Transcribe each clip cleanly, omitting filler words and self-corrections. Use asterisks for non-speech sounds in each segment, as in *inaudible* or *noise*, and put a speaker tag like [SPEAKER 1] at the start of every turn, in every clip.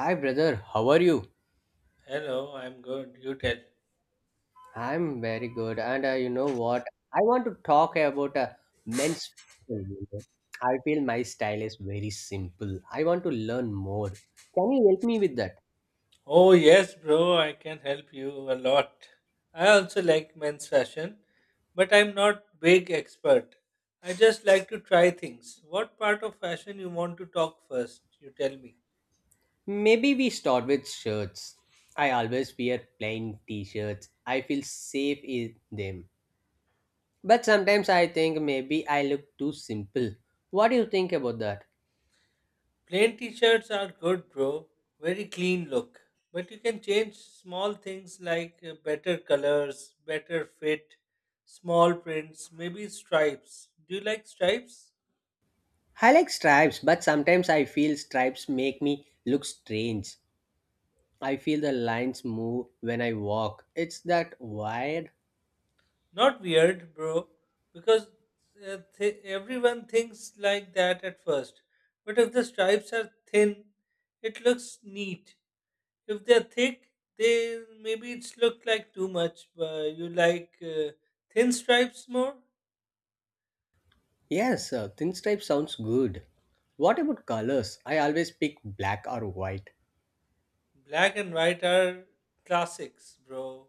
[SPEAKER 1] Hi, brother. How are you?
[SPEAKER 2] Hello, I'm good. You tell.
[SPEAKER 1] I'm very good. And you know what? I want to talk about men's fashion. I feel my style is very simple. I want to learn more. Can you help me with that?
[SPEAKER 2] Oh, yes, bro, I can help you a lot. I also like men's fashion, but I'm not big expert. I just like to try things. What part of fashion you want to talk first? You tell me.
[SPEAKER 1] Maybe we start with shirts. I always wear plain t shirts. I feel safe in them. But sometimes I think maybe I look too simple. What do you think about that?
[SPEAKER 2] Plain t-shirts are good, bro. Very clean look. But you can change small things like better colors, better fit, small prints, maybe stripes. Do you like stripes?
[SPEAKER 1] I like stripes, but sometimes I feel stripes make me look strange. I feel the lines move when I walk. It's that wide.
[SPEAKER 2] Not weird, bro, because everyone thinks like that at first. But if the stripes are thin, it looks neat. If they're thick, they maybe it's looked like too much. You like thin stripes more?
[SPEAKER 1] Yes, thin stripe sounds good. What about colors? I always pick black or white.
[SPEAKER 2] Black and white are classics, bro.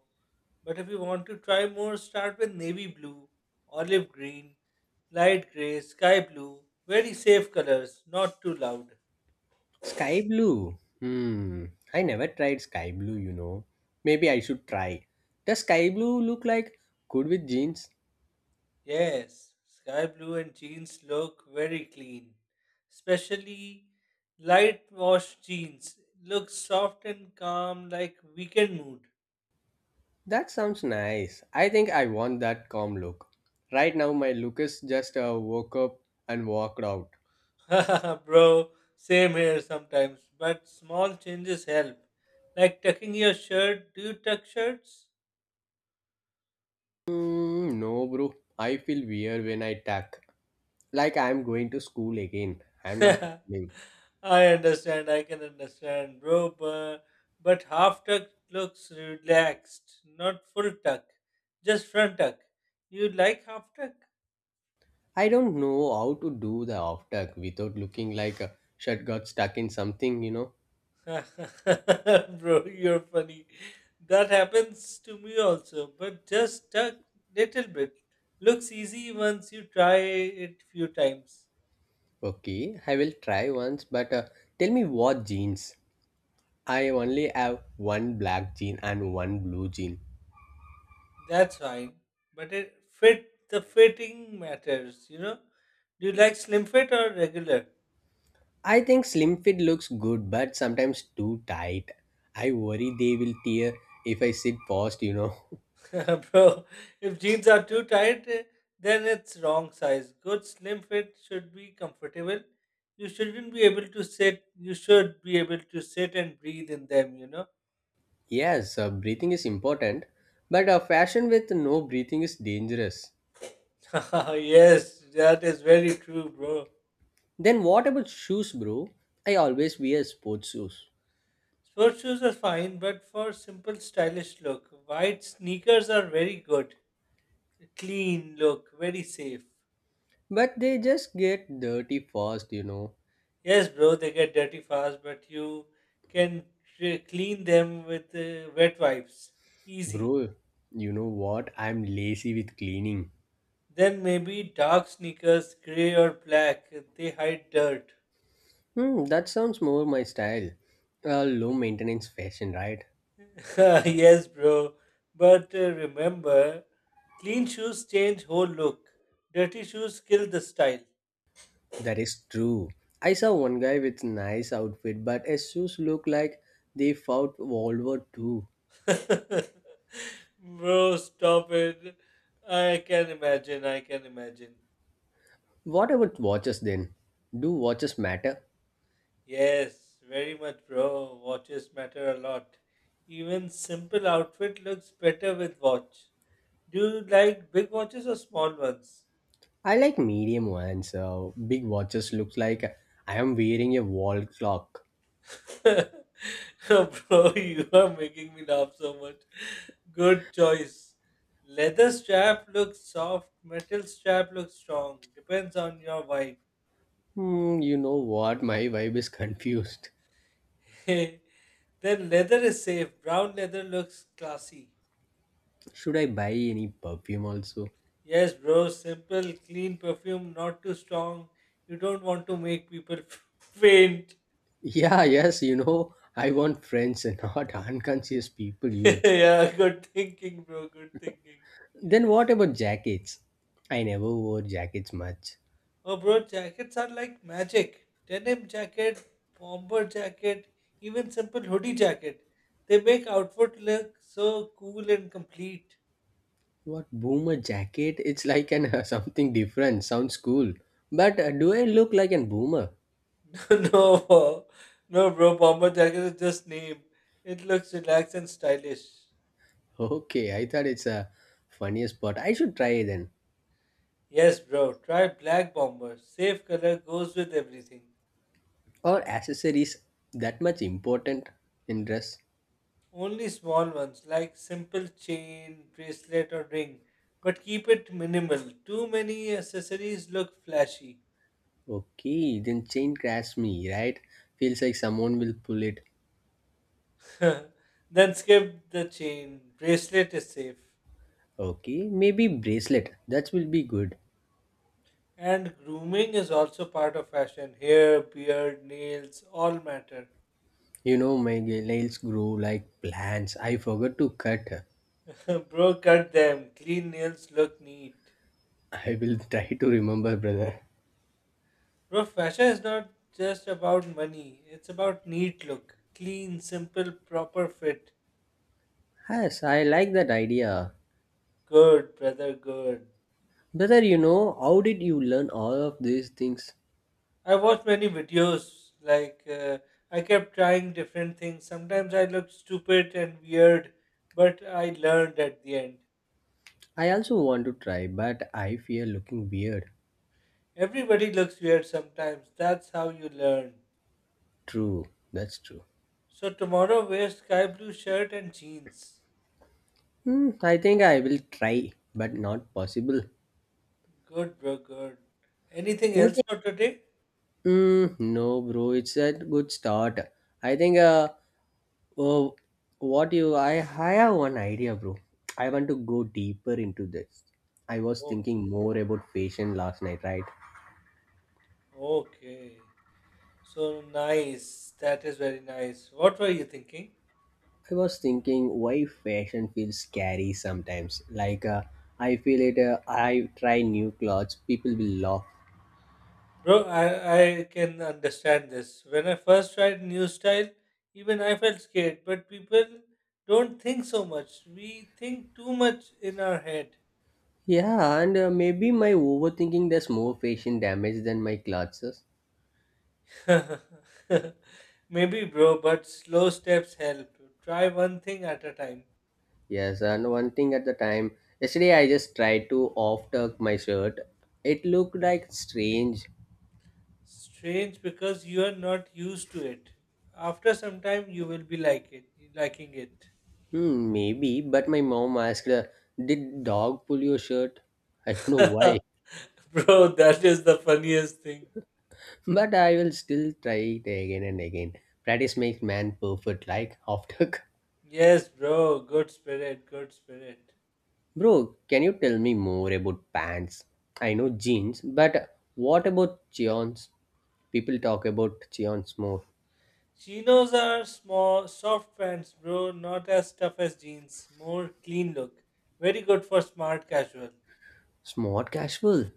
[SPEAKER 2] But if you want to try more, start with navy blue, olive green, light gray, sky blue. Very safe colors, not too loud.
[SPEAKER 1] Sky blue. Hmm. I never tried sky blue. Maybe I should try. Does sky blue look like good with jeans?
[SPEAKER 2] Yes, sky blue and jeans look very clean. Especially light washed jeans look soft and calm like weekend mood.
[SPEAKER 1] That sounds nice. I think I want that calm look. Right now, my look is just woke up and walked out.
[SPEAKER 2] *laughs* Bro, same here sometimes, but small changes help. Like tucking your shirt. Do you tuck shirts?
[SPEAKER 1] Mm, no, bro. I feel weird when I tuck. Like I'm going to school again.
[SPEAKER 2] *laughs*
[SPEAKER 1] I'm not.
[SPEAKER 2] I
[SPEAKER 1] Leaving.
[SPEAKER 2] understand, I can understand, bro, but half tuck looks relaxed, not full tuck, just front tuck. You like half tuck?
[SPEAKER 1] I don't know how to do the after without looking like a shirt got stuck in something, you know.
[SPEAKER 2] *laughs* Bro, you're funny. That happens to me also, but just a little bit. Looks easy once you try it few times.
[SPEAKER 1] Okay, I will try once, but tell me what jeans. I only have one black jean and one blue jean.
[SPEAKER 2] That's fine. But it fit the fitting matters, you know? Do you like slim fit or regular?
[SPEAKER 1] I think slim fit looks good, but sometimes too tight. I worry they will tear if I sit fast, you know.
[SPEAKER 2] *laughs* Bro, if jeans are too tight, then it's wrong size. Good slim fit should be comfortable. You shouldn't be able to sit, You should be able to sit and breathe in them, you know?
[SPEAKER 1] *laughs* Yes, breathing is important, but fashion with no breathing is dangerous.
[SPEAKER 2] *laughs* Yes, that is very true, bro.
[SPEAKER 1] Then what about shoes, bro? I always wear sports shoes,
[SPEAKER 2] Sports shoes are fine, but for simple, stylish look, white sneakers are very good. Clean look, very safe.
[SPEAKER 1] but they just get dirty fast, you know.
[SPEAKER 2] Yes, bro, they get dirty fast, but you can clean them with wet wipes. Easy.
[SPEAKER 1] Bro, you know what? I'm lazy with cleaning.
[SPEAKER 2] Then maybe dark sneakers, gray or black, they hide dirt.
[SPEAKER 1] Hmm, that sounds more my style. Low maintenance fashion, right?
[SPEAKER 2] *laughs* Yes, bro. But remember, clean shoes change whole look. Dirty shoes kill the style.
[SPEAKER 1] That is true. I saw one guy with nice outfit, but his shoes look like they fought World War II.
[SPEAKER 2] *laughs* Bro, stop it. I can imagine.
[SPEAKER 1] What about watches then? Do watches matter?
[SPEAKER 2] Yes, very much, bro. Watches matter a lot. Even simple outfit looks better with watch. Do you like big watches or small ones?
[SPEAKER 1] I like medium ones. Big watches looks like I am wearing a wall clock.
[SPEAKER 2] *laughs* Bro, you are making me laugh so much. Good choice. Leather strap looks soft, metal strap looks strong. Depends on your vibe.
[SPEAKER 1] Hmm, you know what? *laughs* My vibe is confused.
[SPEAKER 2] *laughs* Then leather is safe. Brown leather looks classy.
[SPEAKER 1] Should I buy any perfume also? *laughs*
[SPEAKER 2] Yes, bro. Simple, clean perfume, not too strong. You don't want to make people *laughs* faint.
[SPEAKER 1] Yeah, yes, you know, I want friends and not *laughs* unconscious people.
[SPEAKER 2] *laughs*
[SPEAKER 1] You.
[SPEAKER 2] Yeah, good thinking, bro. Good thinking.
[SPEAKER 1] Then what about jackets? I never wore jackets much.
[SPEAKER 2] Oh, bro, jackets are like magic. Denim jacket, bomber jacket, even simple hoodie jacket. They make outfit look so cool and complete.
[SPEAKER 1] What boomer jacket? *laughs* It's like an *laughs* something different. Sounds cool, but do I look like an boomer? *laughs*
[SPEAKER 2] *laughs* No, no, bro. Bomber jacket is just name. It looks relaxed and stylish.
[SPEAKER 1] Okay, I thought it's a funniest spot. I should try then.
[SPEAKER 2] Yes, bro, try Black Bomber. Safe color goes with everything.
[SPEAKER 1] Are accessories that much important in dress?
[SPEAKER 2] Only small ones like simple chain, bracelet, or ring. But keep it minimal. Too many accessories look flashy.
[SPEAKER 1] Okay, then chain grabs me, right? Feels like someone will pull it.
[SPEAKER 2] *laughs* Then skip the chain. Bracelet is safe.
[SPEAKER 1] Okay, maybe bracelet. That will be good.
[SPEAKER 2] And grooming is also part of fashion. Hair, beard, nails, all matter.
[SPEAKER 1] You know, my nails grow like plants. I forgot to cut.
[SPEAKER 2] *laughs* Bro, cut them. Clean nails look neat.
[SPEAKER 1] *laughs* I will try to remember, brother.
[SPEAKER 2] Bro, fashion is not just about money, it's about neat look, clean, simple, proper fit.
[SPEAKER 1] Yes, I like that idea.
[SPEAKER 2] Good, brother, good.
[SPEAKER 1] Brother, you know, how did you learn all of these things?
[SPEAKER 2] I watched many videos, like, I kept trying different things. Sometimes I looked stupid and weird, but I learned at the end.
[SPEAKER 1] I also want to try, but I fear looking weird.
[SPEAKER 2] Everybody looks weird sometimes, that's how you learn.
[SPEAKER 1] True, that's true.
[SPEAKER 2] So, tomorrow, wear sky blue shirt and jeans.
[SPEAKER 1] Hmm, I think I will try, but not possible.
[SPEAKER 2] Good, bro, good. Anything else
[SPEAKER 1] Anything?
[SPEAKER 2] for today?
[SPEAKER 1] Mm, no, bro. It's a good start. I think. Oh, what you? I have one idea, bro. I want to go deeper into this. I was
[SPEAKER 2] Okay.
[SPEAKER 1] thinking more about fashion last night, right?
[SPEAKER 2] Okay. So nice. That is very nice. What were you thinking?
[SPEAKER 1] I was thinking why fashion feels scary sometimes. Like I feel it. I try new clothes, people will laugh.
[SPEAKER 2] Bro, I can understand this. When I first tried new style, even I felt scared, but people don't think so much. We think too much in our head.
[SPEAKER 1] Yeah, and maybe my overthinking does more fashion damage than my clothes.
[SPEAKER 2] *laughs* Maybe, bro, but slow steps help. Try one thing at a time.
[SPEAKER 1] Yes, and one thing at the time, yesterday I just tried to off tuck my shirt. It looked like strange.
[SPEAKER 2] Strange because you are not used to it. After some time, you will be like it, liking it.
[SPEAKER 1] Hmm, maybe, but my mom asked, did dog pull your shirt? I don't know why,
[SPEAKER 2] *laughs* Bro, that is the funniest thing.
[SPEAKER 1] *laughs* but I will still try it again and again. Practice makes man perfect, like *laughs* off tuck.
[SPEAKER 2] Yes, bro. Good spirit.
[SPEAKER 1] Bro, can you tell me more about pants? I know jeans, but what about cheons? People talk about cheons more.
[SPEAKER 2] Chinos are small, soft pants, bro. Not as tough as jeans. More clean look. Very good for smart casual.
[SPEAKER 1] Smart casual.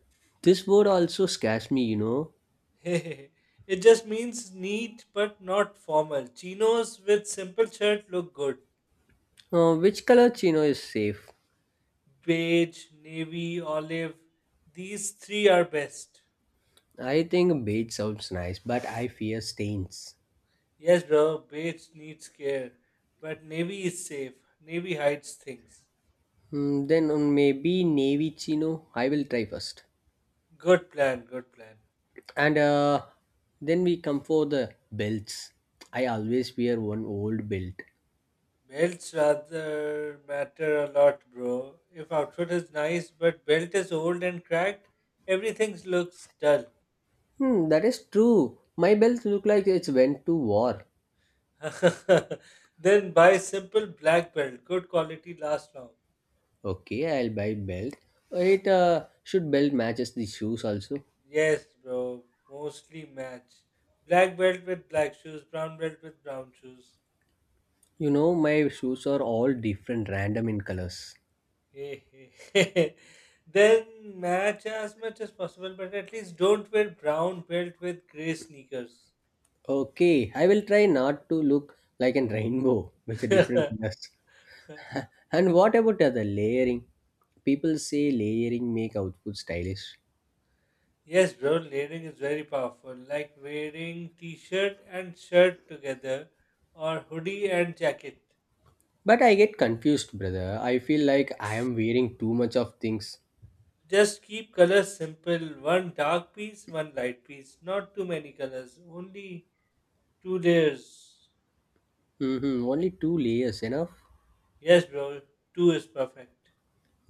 [SPEAKER 1] This word also scares me, you know.
[SPEAKER 2] *laughs* It just means neat but not formal. Chinos with simple shirt look good.
[SPEAKER 1] Which color chino is safe?
[SPEAKER 2] Beige, navy, olive. These three are best.
[SPEAKER 1] I think beige sounds nice, but I fear stains.
[SPEAKER 2] Yes, bro. Beige needs care, but navy is safe. Navy hides things.
[SPEAKER 1] Hmm, then maybe navy chino. I will try first.
[SPEAKER 2] Good plan.
[SPEAKER 1] And then we come for the belts. I always wear one old belt.
[SPEAKER 2] Belts rather matter a lot, bro. If outfit is nice but belt is old and cracked, everything looks dull.
[SPEAKER 1] Hmm, that is true. My belt look like it's went to war.
[SPEAKER 2] *laughs* Then buy simple black belt. Good quality lasts long.
[SPEAKER 1] Okay, I'll buy belt. It should belt matches the shoes also.
[SPEAKER 2] Yes, bro. Mostly match. Black belt with black shoes, brown belt with brown shoes.
[SPEAKER 1] You know, my shoes are all different, random in colors.
[SPEAKER 2] Hey, hey. *laughs* Then match as much as possible, but at least don't wear brown belt with grey sneakers.
[SPEAKER 1] Okay, I will try not to look like a *laughs* rainbow with the different colors.
[SPEAKER 2] *laughs*
[SPEAKER 1] *laughs* And what about the other layering? People say layering make output stylish.
[SPEAKER 2] Yes, bro, layering is very powerful. Like wearing t-shirt and shirt together or hoodie and jacket.
[SPEAKER 1] But I get confused, brother. I feel like I am wearing too much of things.
[SPEAKER 2] Just keep colors simple. One dark piece, one light piece. Not too many colors. Only two layers.
[SPEAKER 1] Hmm, only two layers, enough?
[SPEAKER 2] Yes, bro, two is perfect.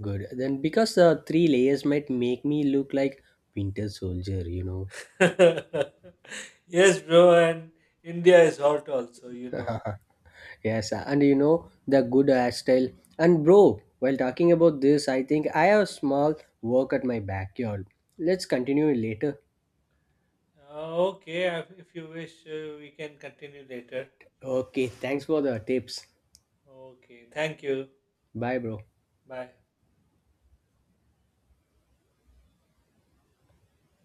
[SPEAKER 1] Good. Then because the three layers might make me look like Winter Soldier, you know.
[SPEAKER 2] *laughs* Yes, bro, and India is hot also, you know.
[SPEAKER 1] Yes, and you know the good hairstyle. And bro, while talking about this, I think I have a small work at my backyard. Let's continue later.
[SPEAKER 2] Okay, if you wish, we can continue later.
[SPEAKER 1] Okay, thanks for the tips.
[SPEAKER 2] Okay, thank you.
[SPEAKER 1] Bye, bro.
[SPEAKER 2] Bye.